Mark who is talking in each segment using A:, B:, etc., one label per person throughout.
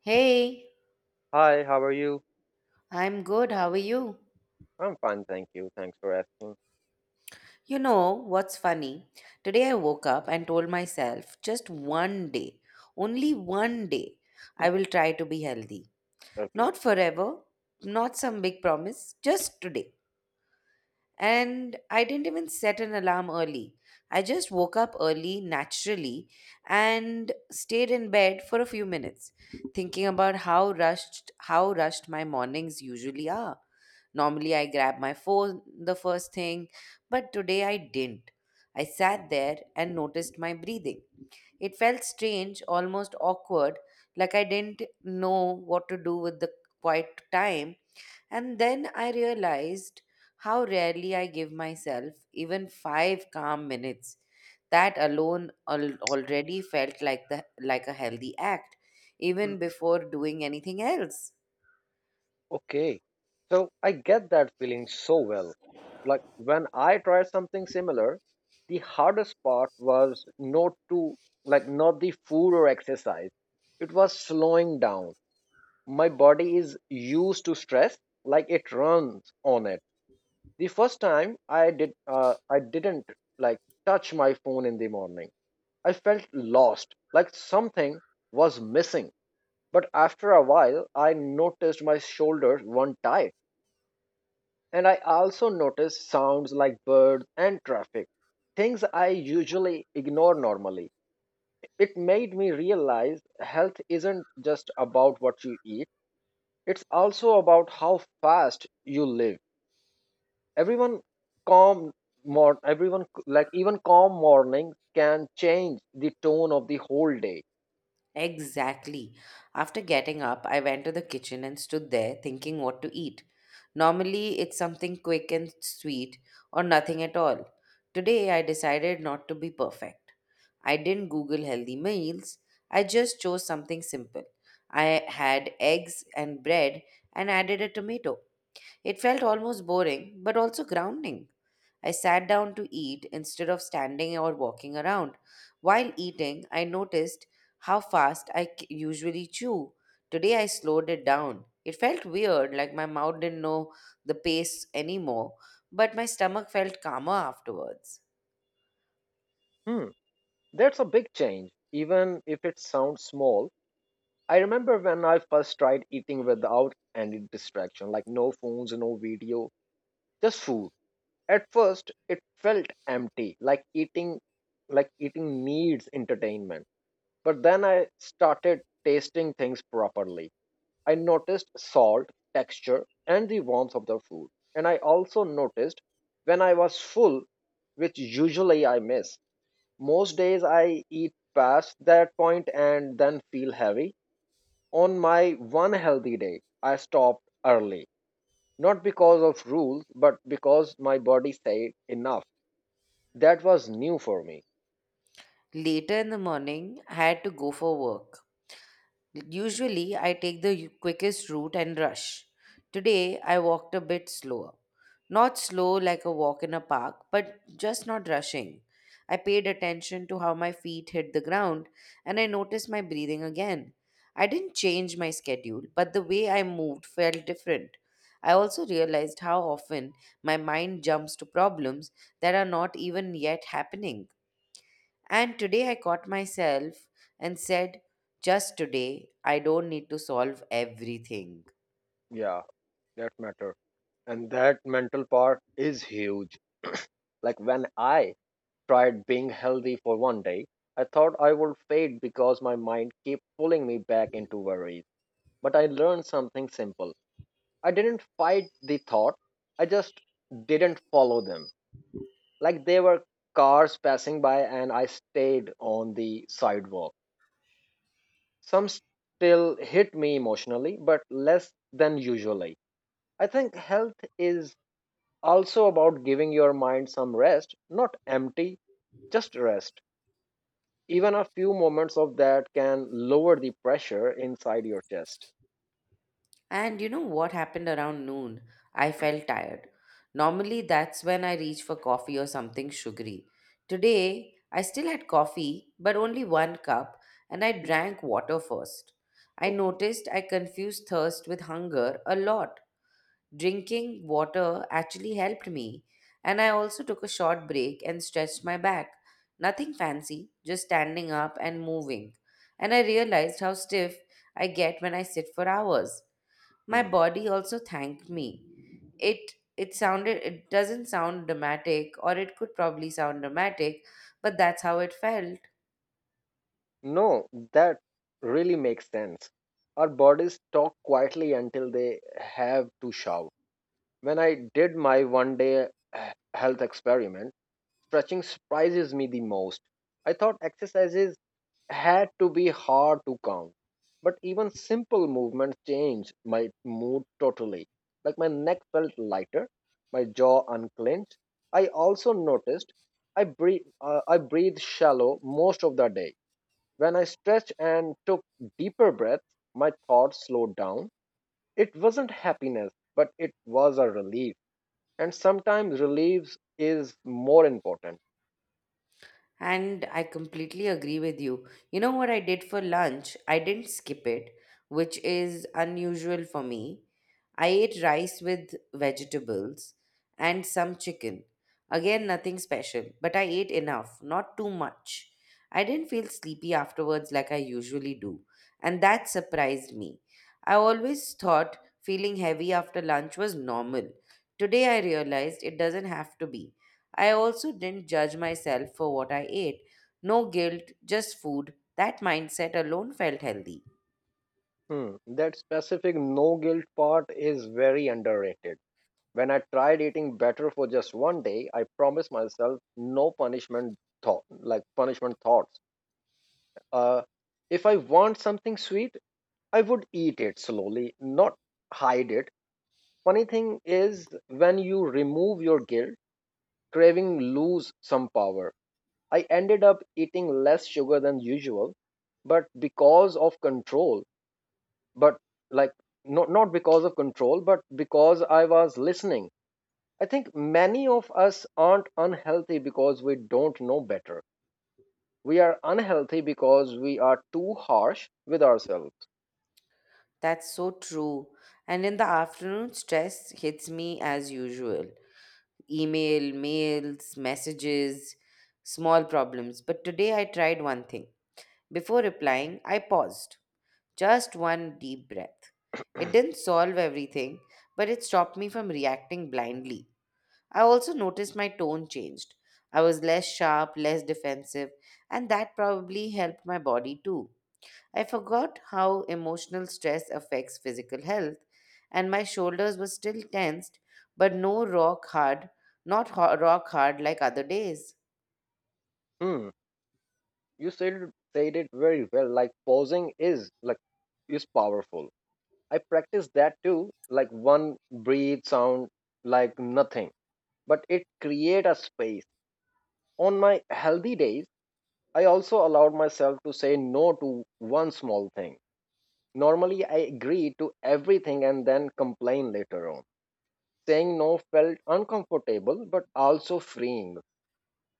A: Hey,
B: Hi, how are you?
A: I'm good. How are you?
B: I'm fine, thank you. Thanks for asking.
A: You know what's funny? Today I woke up and told myself just one day, only one day,
B: Mm.
A: I will try to be healthy.
B: Okay.
A: Not forever, not some big promise, just today. And I didn't even set an alarm early. I just woke up early naturally and stayed in bed for a few minutes, thinking about how rushed my mornings usually are. Normally I grab my phone the first thing, but today I didn't. I sat there and noticed my breathing. It felt strange, almost awkward, like I didn't know what to do with the quiet time. And then I realized how rarely I give myself even five calm minutes. That alone already felt like the like a healthy act,
B: Mm.
A: even before doing anything else.
B: Okay. So I get that feeling so well. Like when I tried something similar, the hardest part was not to, like, not the food or exercise. It was slowing down. My body is used to stress, like it runs on it. The first time I didn't like touch my phone in the morning. I felt lost, like something was missing. But after a while, I noticed my shoulders weren't tight, and I also noticed sounds like birds and traffic, things I usually ignore normally. It made me realize health isn't just about what you eat, it's also about how fast you live. Everyone calm more everyone like Even calm mornings can change the tone of the whole day.
A: Exactly. After getting up, I went to the kitchen and stood there thinking what to eat. Normally, it's something quick and sweet or nothing at all. Today, I decided not to be perfect. I didn't Google healthy meals, I just chose something simple. I had eggs and bread and added a tomato. It felt almost boring but also grounding. I sat down to eat instead of standing or walking around. While eating, I noticed how fast I usually chew. Today I slowed it down. It felt weird, like my mouth didn't know the pace anymore, but my stomach felt calmer afterwards.
B: Hmm, that's a big change even if it sounds small. I remember when I first tried eating without any distraction, like no phones, no video, just food. At first, it felt empty, like eating needs entertainment. But then I started tasting things properly. I noticed salt, texture, and the warmth of the food. And I also noticed when I was full, which usually I miss. Most days I eat past that point and then feel heavy. On my one healthy day, I stopped early, not because of rules, but because my body said enough. That was new for me.
A: Later in the morning, I had to go for work. Usually, I take the quickest route and rush. Today, I walked a bit slower. Not slow like a walk in a park, but just not rushing. I paid attention to how my feet hit the ground, and I noticed my breathing again. I didn't change my schedule, but the way I moved felt different. I also realized how often my mind jumps to problems that are not even yet happening. And today I caught myself and said, just today, I don't need to solve everything.
B: Yeah, that matter. And that mental part is huge. Like when I tried being healthy for one day, I thought I would fade because my mind kept pulling me back into worries. But I learned something simple. I didn't fight the thought, I just didn't follow them. Like there were cars passing by and I stayed on the sidewalk. Some still hit me emotionally, but less than usually. I think health is also about giving your mind some rest, not empty, just rest. Even a few moments of that can lower the pressure inside your chest.
A: And you know what happened around noon? I felt tired. Normally, that's when I reach for coffee or something sugary. Today, I still had coffee, but only one cup, and I drank water first. I noticed I confused thirst with hunger a lot. Drinking water actually helped me, and I also took a short break and stretched my back. Nothing fancy, just standing up and moving. And I realized how stiff I get when I sit for hours. My
B: Okay.
A: body also thanked me. It it doesn't sound dramatic, or it could probably sound dramatic, but that's how it felt.
B: No, that really makes sense. Our bodies talk quietly until they have to shout. When I did my one day health experiment, stretching surprises me the most. I thought exercises had to be hard to count, but even simple movements changed my mood totally. Like my neck felt lighter, my jaw unclenched. I also noticed I breathe shallow most of the day. When I stretched and took deeper breaths, my thoughts slowed down. It wasn't happiness, but it was a relief, and sometimes relief is more important.
A: And I completely agree with you. You know what I did for lunch? I didn't skip it, which is unusual for me. I ate rice with vegetables and some chicken. Again, nothing special, but I ate enough, not too much. I didn't feel sleepy afterwards like I usually do, and that surprised me. I always thought feeling heavy after lunch was normal. Today, I realized it doesn't have to be. I also didn't judge myself for what I ate. No guilt, just food. That mindset alone felt healthy.
B: Hmm, that specific no guilt part is very underrated. When I tried eating better for just one day, I promised myself no punishment thought, like punishment thoughts. Uh, if I want something sweet, I would eat it slowly, not hide it. Funny thing is, when you remove your guilt, craving lose some power. I ended up eating less sugar than usual, but because of control but like not because of control but because I was listening. I think many of us aren't unhealthy because we don't know better, we are unhealthy because we are too harsh with ourselves.
A: That's so true. And in the afternoon, stress hits me as usual: email, mails, messages, small problems. But today I tried one thing. Before replying, I paused. Just one deep breath. It didn't solve everything, but it stopped me from reacting blindly. I also noticed my tone changed. I was less sharp, less defensive, and that probably helped my body too. I forgot how emotional stress affects physical health, and my shoulders were still tensed, but no rock hard, not rock hard like other days.
B: Hmm. you said it- Said it very well. Like pausing is like is powerful. I practice that too. Like one breathe sound, like nothing, but it create a space. On my healthy days I also allowed myself to say no to one small thing. Normally, I agree to everything and then complain later on. Saying no felt uncomfortable but also freeing.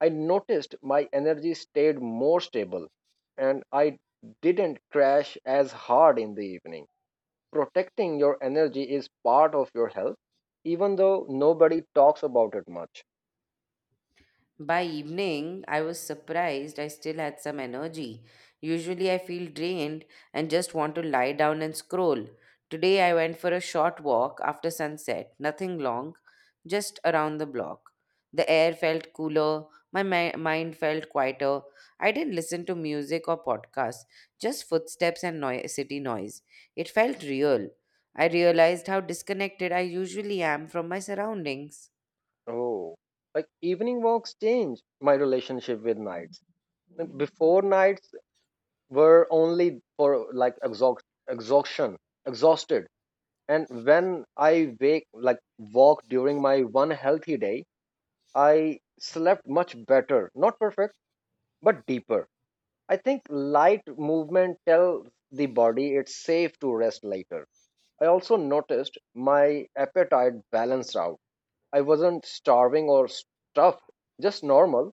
B: I noticed my energy stayed more stable and I didn't crash as hard in the evening. Protecting your energy is part of your health, even though nobody talks about it much.
A: By evening, I was surprised I still had some energy. Usually, I feel drained and just want to lie down and scroll. Today, I went for a short walk after sunset, nothing long, just around the block. The air felt cooler, my mind felt quieter. I didn't listen to music or podcasts, just footsteps and city noise. It felt real. I realized how disconnected I usually am from my surroundings.
B: Oh, like evening walks change my relationship with nights. Like, Before nights, were only for like exhaust, exhaustion, exhausted. And when I wake, like walk during my one healthy day, I slept much better, not perfect, but deeper. I think light movement tells the body it's safe to rest later. I also noticed my appetite balanced out. I wasn't starving or stuffed, just normal.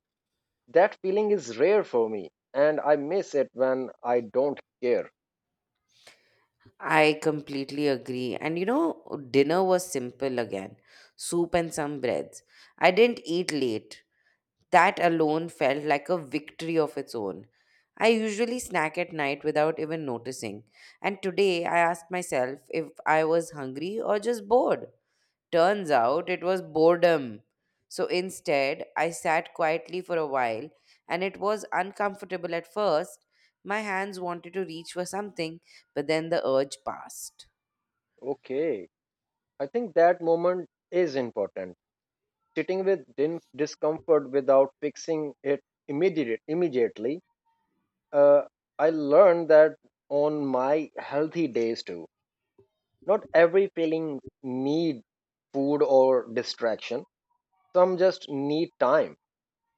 B: That feeling is rare for me, and I miss it when I don't care.
A: I completely agree. And you know, dinner was simple again: soup and some breads. I didn't eat late. That alone felt like a victory of its own. I usually snack at night without even noticing. And today I asked myself if I was hungry or just bored. Turns out it was boredom. So instead, I sat quietly for a while, and it was uncomfortable at first. My hands wanted to reach for something, but then the urge passed.
B: Okay. I think that moment is important. Sitting with discomfort without fixing it immediately. uh, I learned that on my healthy days too. Not every feeling need food or distraction. Some just need time.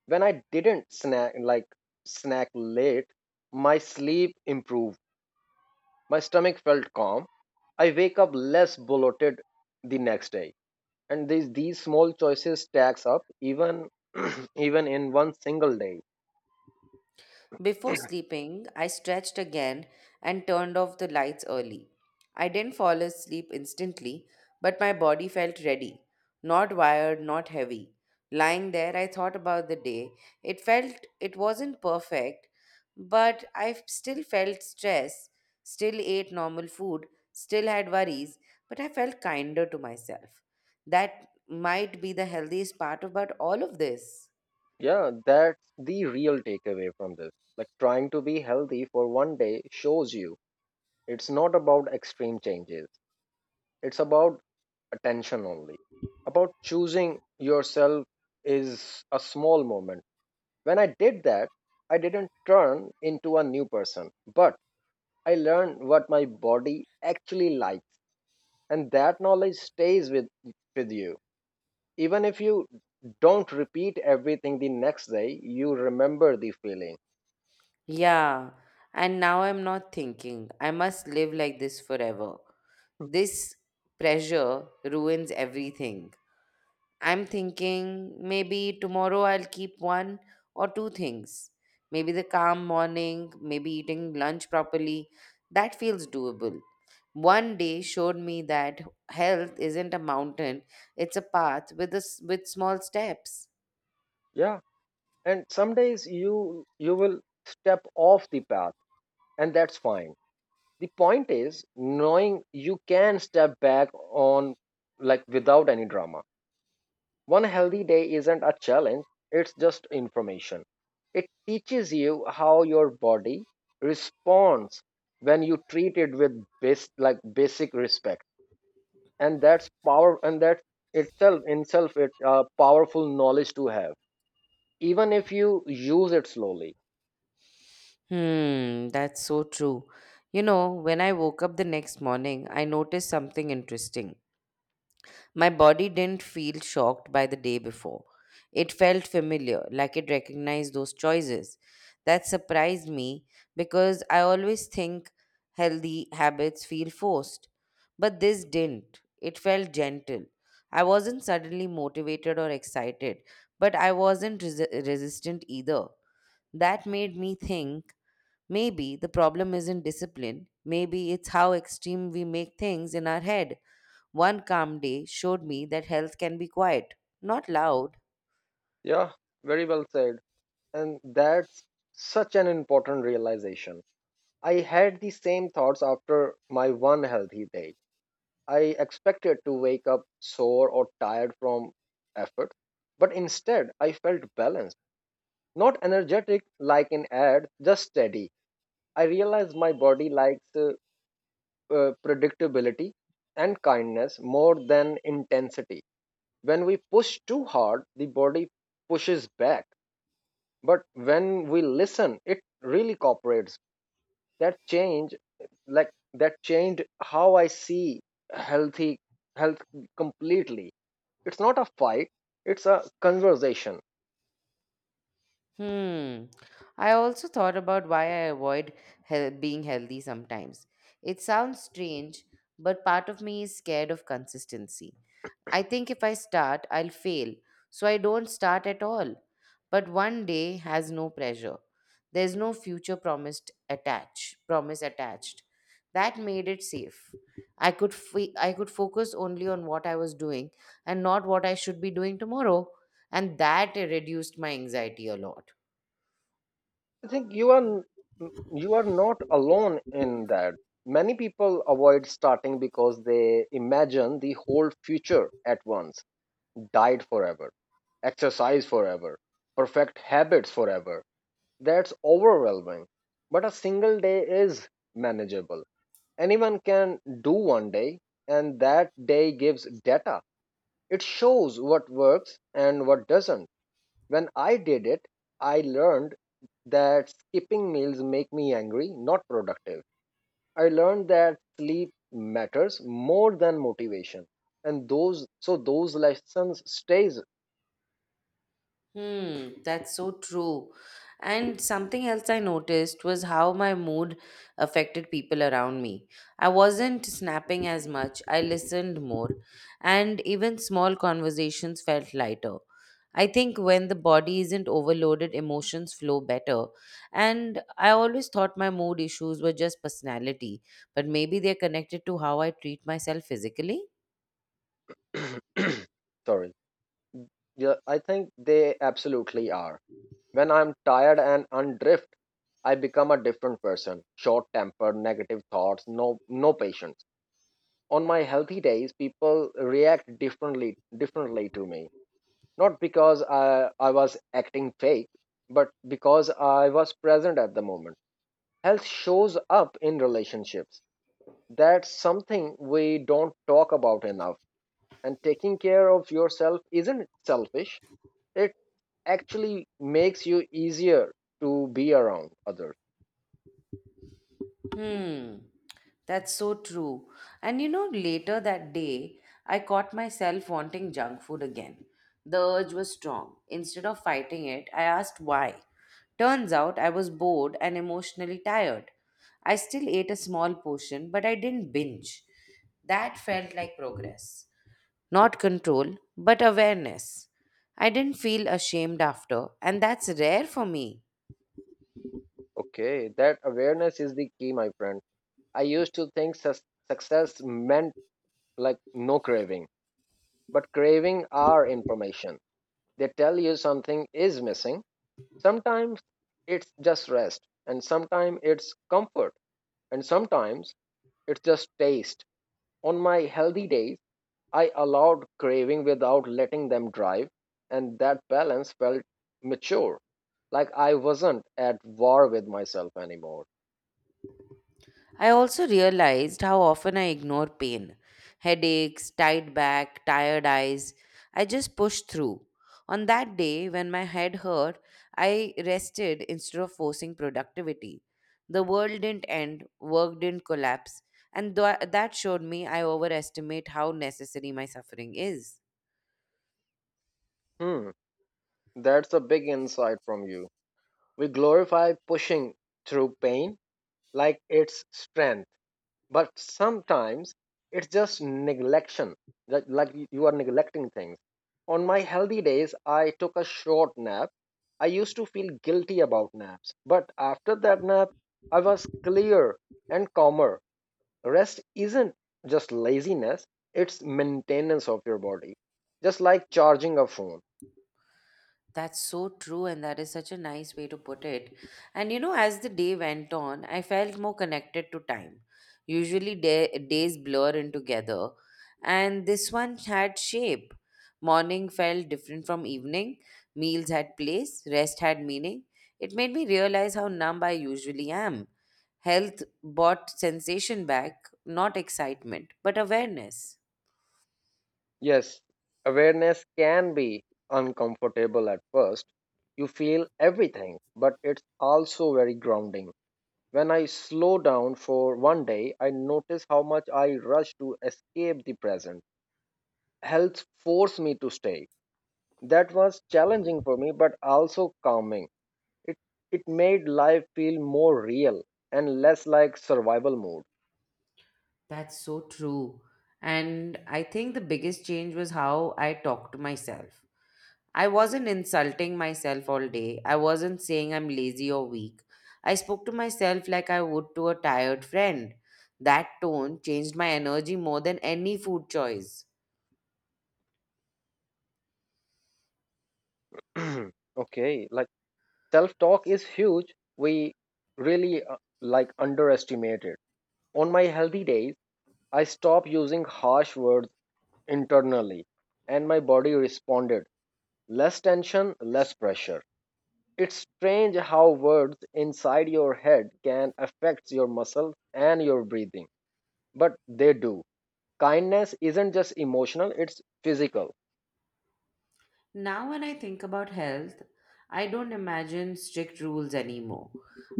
B: When I didn't snack late, my sleep improved. My stomach felt calm. I wake up less bloated the next day. And these small choices stacks up, even even in one single day.
A: Before sleeping, I stretched again and turned off the lights early. I didn't fall asleep instantly, but my body felt ready. Not wired, not heavy. Lying there, I thought about the day. It felt it wasn't perfect, but I still felt stress, still ate normal food, still had worries, but I felt kinder to myself. That might be the healthiest part about all of this.
B: Yeah, that's the real takeaway from this. Like trying to be healthy for one day shows you it's not about extreme changes, it's about attention only, about choosing yourself is a small moment. When I did that, I didn't turn into a new person, but I learned what my body actually likes, and that knowledge stays with you. Even if you don't repeat everything the next day, you remember the feeling.
A: Yeah, and now I'm not thinking, I must live like this forever. This pressure ruins everything. I'm thinking maybe tomorrow I'll keep one or two things. Maybe the calm morning, maybe eating lunch properly. That feels doable. One day showed me that health isn't a mountain, it's a path with a s with small steps.
B: Yeah. And some days you will step off the path and that's fine. The point is knowing you can step back on, like without any drama. One healthy day isn't a challenge, it's just information. It teaches you how your body responds when you treat it with base, like basic respect. And that's power, and that itself, in itself it powerful knowledge to have, even if you use it slowly.
A: Hmm, that's so true. You know, when I woke up the next morning, I noticed something interesting. My body didn't feel shocked by the day before. It felt familiar, like it recognized those choices. That surprised me because I always think healthy habits feel forced. But this didn't. It felt gentle. I wasn't suddenly motivated or excited, but I wasn't resistant either. That made me think maybe the problem isn't discipline. Maybe it's how extreme we make things in our head. One calm day showed me that health can be quiet, not loud.
B: Yeah, very well said. And that's such an important realization. I had the same thoughts after my one healthy day. I expected to wake up sore or tired from effort, but instead I felt balanced, not energetic, like in ad, just steady. I realized my body likes predictability and kindness more than intensity. When we push too hard, the body pushes back. But when we listen, it really cooperates. That change, that changed how I see healthy health completely. It's not a fight, it's a conversation.
A: Hmm. I also thought about why I avoid being healthy sometimes. It sounds strange, but part of me is scared of consistency. I think if I start, I'll fail, so I don't start at all. But one day has no pressure. There's no future promise attached. That made it safe. I could focus only on what I was doing and not what I should be doing tomorrow, and that reduced my anxiety a lot.
B: I think you are not alone in that. Many people avoid starting because they imagine the whole future at once: diet forever, exercise forever, perfect habits forever. That's overwhelming. But a single day is manageable. Anyone can do one day, and that day gives data. It shows what works and what doesn't. When I did it, I learned that skipping meals make me angry, not productive. I learned that sleep matters more than motivation. And those lessons stays.
A: Hmm, that's so true. And something else I noticed was how my mood affected people around me. I wasn't snapping as much, I listened more, and even small conversations felt lighter. I think when the body isn't overloaded, emotions flow better. And I always thought my mood issues were just personality, but maybe they're connected to how I treat myself physically.
B: Sorry. Yeah, I think they absolutely are. When I'm tired and undrift, I become a different person. Short tempered, negative thoughts, no patience. On my healthy days, people react differently to me. Not because I was acting fake, but because I was present at the moment. Health shows up in relationships. That's something we don't talk about enough. And taking care of yourself isn't selfish, actually makes you easier to be around others.
A: Hmm, that's so true. And you know, later that day, I caught myself wanting junk food again. The urge was strong. Instead of fighting it, I asked why. Turns out I was bored and emotionally tired. I still ate a small portion, but I didn't binge. That felt like progress. Not control, but awareness. I didn't feel ashamed after, and that's rare for me.
B: Okay, that awareness is the key, my friend. I used to think success meant like no craving, but craving are information. They tell you something is missing. Sometimes it's just rest, and sometimes it's comfort, and sometimes it's just taste. On my healthy days I allowed craving without letting them drive, and that balance felt mature. Like I wasn't at war with myself anymore.
A: I also realized how often I ignore pain: headaches, tight back, tired eyes. I just pushed through. On that day, when my head hurt, I rested instead of forcing productivity. The world didn't end, work didn't collapse, and that showed me I overestimate how necessary my suffering is.
B: Hmm, that's a big insight from you. We glorify pushing through pain like it's strength. But sometimes it's just neglection, like you are neglecting things. On my healthy days, I took a short nap. I used to feel guilty about naps, but after that nap, I was clear and calmer. Rest isn't just laziness, it's maintenance of your body, just like charging a phone.
A: That's so true, and that is such a nice way to put it. And you know, as the day went on, I felt more connected to time. Usually, days blur in together, and this one had shape. Morning felt different from evening, meals had place, rest had meaning. It made me realize how numb I usually am. Health brought sensation back, not excitement, but awareness.
B: Yes, awareness can be uncomfortable at first. You feel everything, but it's also very grounding. When I slow down for one day, I notice how much I rush to escape the present. Health forced me to stay. That was challenging for me, but also calming. It, it made life feel more real and less like survival
A: That's so true. And I think the biggest change was how I talked to myself. I wasn't insulting myself all day. I wasn't saying I'm lazy or weak. I spoke to myself like I would to a tired friend. That tone changed my energy more than any food choice.
B: mode. Okay, like self talk is huge. We really underestimate it. On my healthy days, I stopped using harsh words internally, and my body responded, less tension, less pressure. It's strange how words inside your head can affect your muscles and your breathing, but they do. Kindness isn't just emotional, it's physical.
A: Now, when I think about health, I don't imagine strict rules anymore.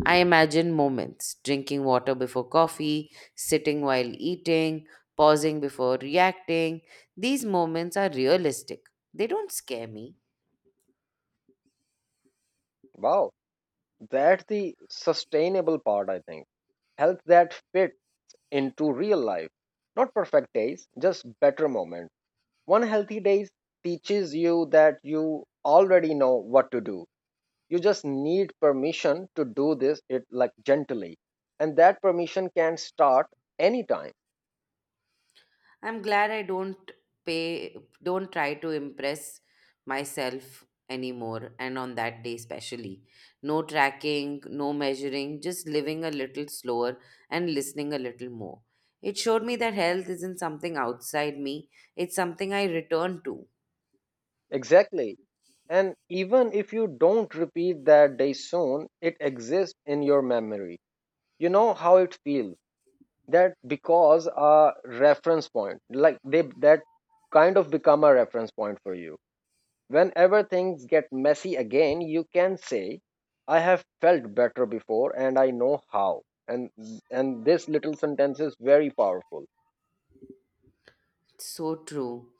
A: I imagine moments drinking water before coffee, sitting while eating, pausing before reacting. These moments are realistic, they don't scare me.
B: Wow, that's the sustainable part, I think. Health that fit into real life. Not perfect days, just better moments. One healthy day teaches you that you already know what to do. You just need permission to do this it like gently. And that permission can start anytime.
A: I'm glad I don't pay, don't try to impress myself anymore. And on that day, especially, no tracking, no measuring, just living a little slower and listening a little more. It showed me that health isn't something outside me, it's something I return to.
B: Exactly. And even if you don't repeat that day soon, it exists in your memory. You know how it feels. That because a reference point, like they that kind of become a reference point for you. Whenever things get messy again, you can say, I have felt better before and I know how. And and this little sentence is very powerful.
A: So true.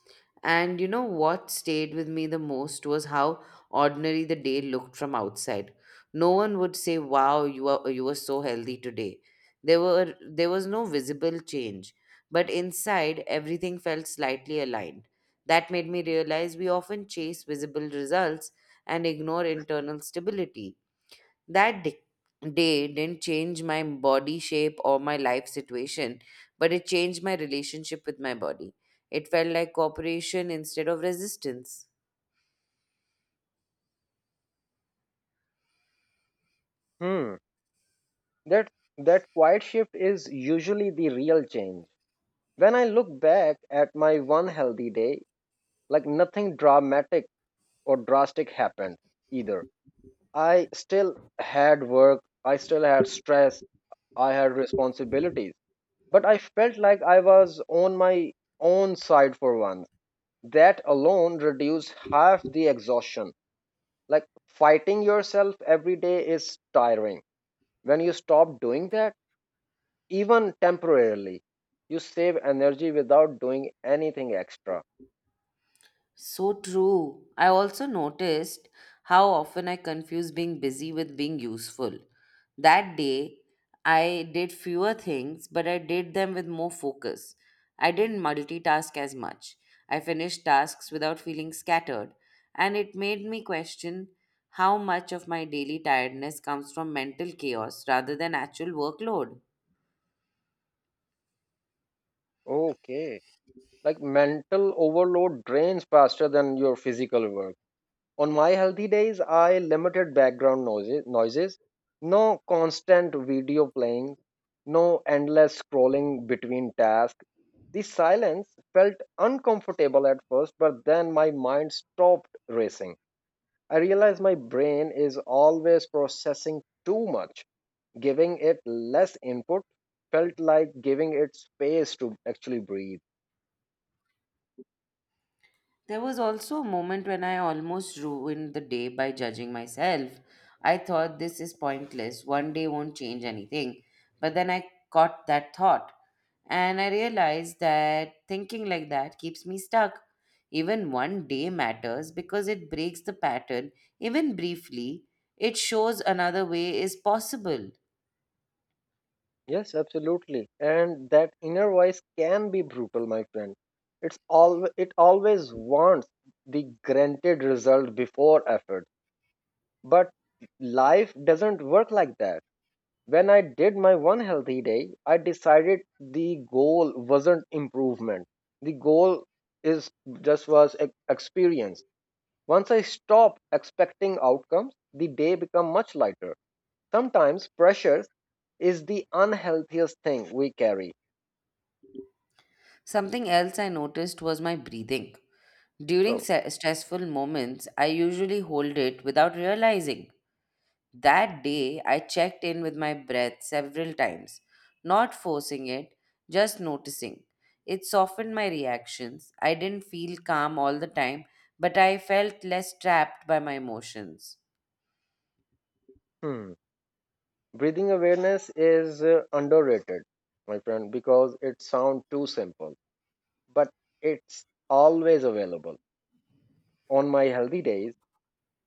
A: And you know what stayed with me the most was how ordinary the day looked from outside. No one would say, "Wow, you were so healthy today." There was no visible change, but inside everything felt slightly aligned. That made me realize we often chase visible results and ignore internal stability. That day didn't change my body shape or my life situation, but it changed my relationship with my body. It felt like cooperation instead of resistance.
B: Hmm. That that quiet shift is usually the real change. When I look back at my one healthy day, like nothing dramatic or drastic happened either. I still had work, I still had stress, I had responsibilities, but I felt like I was on my own side for once. That alone reduced half the exhaustion. Like fighting yourself every day is tiring. When you stop doing that, even temporarily, you save energy without doing anything extra.
A: So true. I also noticed how often I confuse being busy with being useful. That day, I did fewer things, but I did them with more focus. I didn't multitask as much. I finished tasks without feeling scattered, and it made me question how much of my daily tiredness comes from mental chaos rather than actual workload.
B: Okay. Like mental overload drains faster than your physical work. On my healthy days I limited background noises, no constant video playing, no endless scrolling between tasks. The silence felt uncomfortable at first, but then my mind stopped racing. I realized my brain is always processing too much. Giving it less input felt like giving it space to actually breathe.
A: There was also a moment when I almost ruined the day by judging myself. I thought this is pointless, one day won't change anything. But then I caught that thought, and I realized that thinking like that keeps me stuck. Even one day matters because it breaks the pattern, even briefly. It shows another way is possible.
B: Yes, absolutely. And that inner voice can be brutal, my friend. It always wants the granted result before effort. But life doesn't work like that. When I did my one healthy day, I decided the goal wasn't improvement. The goal is just was e- experience. Once I stop expecting outcomes, the day become much lighter. Sometimes pressure is the unhealthiest thing we carry.
A: Something else I noticed was my breathing. During
B: Oh,
A: stressful moments, I usually hold it without realizing. That day, I checked in with my breath several times, not forcing it, just noticing. It softened my reactions. I didn't feel calm all the time, but I felt less trapped by my emotions.
B: hmm. Breathing awareness is underrated, my friend, because it sounds too simple, but it's always available. On my healthy days,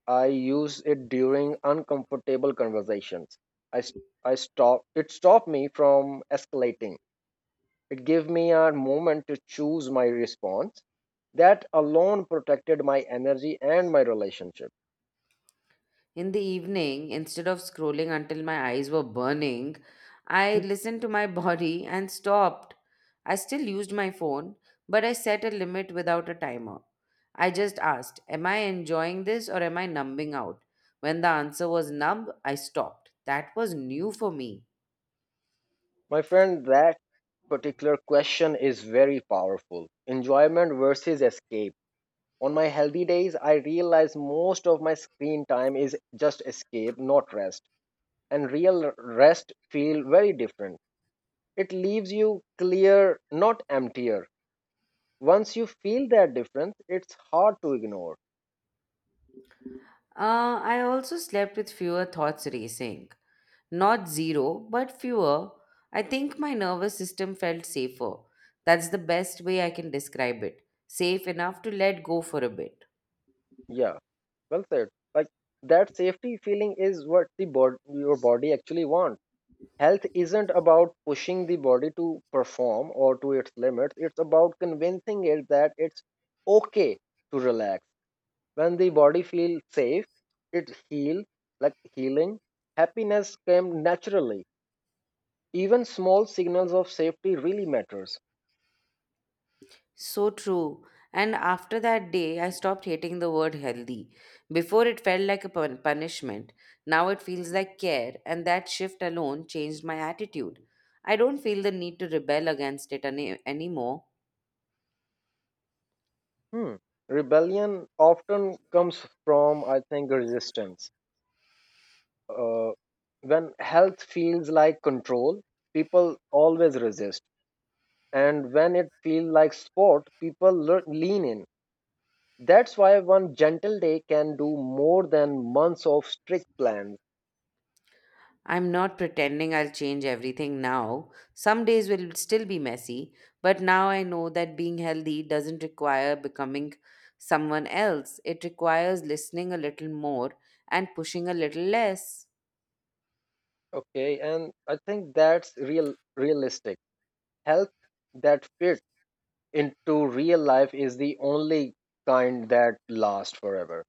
B: I use it during uncomfortable conversations. I, s- I stop, it stopped me from escalating. It gave me a moment to choose my response. That alone protected my energy and my relationship.
A: In the evening, instead of scrolling until my eyes were burning, I listened to my body and stopped. I still used my phone, but I set a limit without a timer. I just asked, am I enjoying this or am I numbing out? When the answer was numb, I stopped. That was new for me.
B: My friend, that particular question is very powerful. Enjoyment versus escape. On my healthy days, I realize most of my screen time is just escape, not rest. And real rest feel very different. It leaves you clear, not emptier. Once you feel that difference, it's hard to ignore.
A: I also slept with fewer thoughts racing. Not zero, but fewer. I think my nervous system felt safer. That's the best way I can describe it. Safe enough to let go for a bit.
B: Yeah, well said. Like that safety feeling is what your body actually wants. Health isn't about pushing the body to perform or to its limits. It's about convincing it that it's okay to relax. When the body feels safe, it heals. Like healing happiness came naturally. Even small signals of safety really matters.
A: So true. And after that day, I stopped hating the word healthy. Before it felt like a punishment. Now it feels like care, and that shift alone changed my attitude. I don't feel the need to rebel against it anymore.
B: Hmm. Rebellion often comes from, I think, resistance. uh, when health feels like control, people always resist, and when it feels like sport, people lean in. That's why one gentle day can do more than months of strict plans.
A: I'm not pretending I'll change everything now. Some days will still be messy, but now I know that being healthy doesn't require becoming someone else. It requires listening a little more and pushing a little less.
B: Okay, and I think that's realistic. Health that fits into real life is the only kind that lasts forever.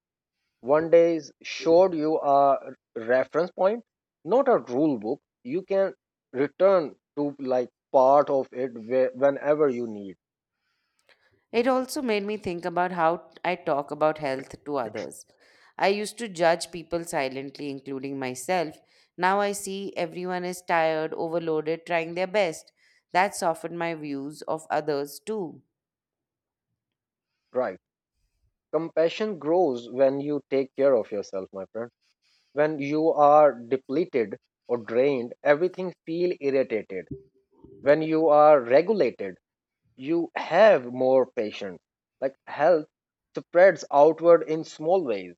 B: One day showed you a reference point, not a rule book. You can return to like part of it whenever you need.
A: It also made me think about how I talk about health to others. I used to judge people silently, including myself. Now I see everyone is tired, overloaded, trying their best. That softened my views of others too.
B: Right. Compassion grows when you take care of yourself, my friend. When you are depleted or drained, everything feel irritated. When you are regulated, you have more patience. Like health spreads outward in small ways.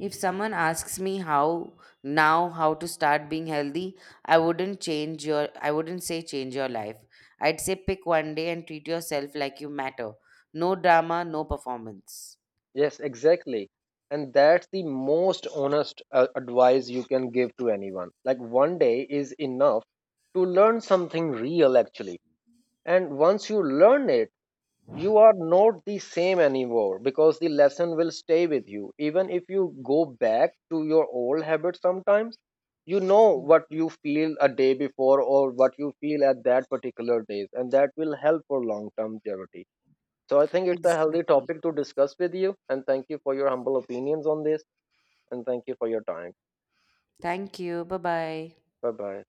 A: If someone asks me how now how to start being healthy, I wouldn't say change your life. I'd say pick one day and treat yourself like you matter. No drama, no performance.
B: Yes, exactly. And that's the most honest advice you can give to anyone. Like one day is enough to learn something real actually. And once you learn it, you are not the same anymore, because the lesson will stay with you even if you go back to your old habits sometimes. You know
A: Mm.
B: what you feel a day before or what you feel at that particular days, and that will help for long term longevity. So I think it's a healthy
A: Exactly.
B: topic to discuss with you, and thank you for your humble opinions on this. And thank you for your time.
A: Thank you. Bye-bye.
B: Bye bye.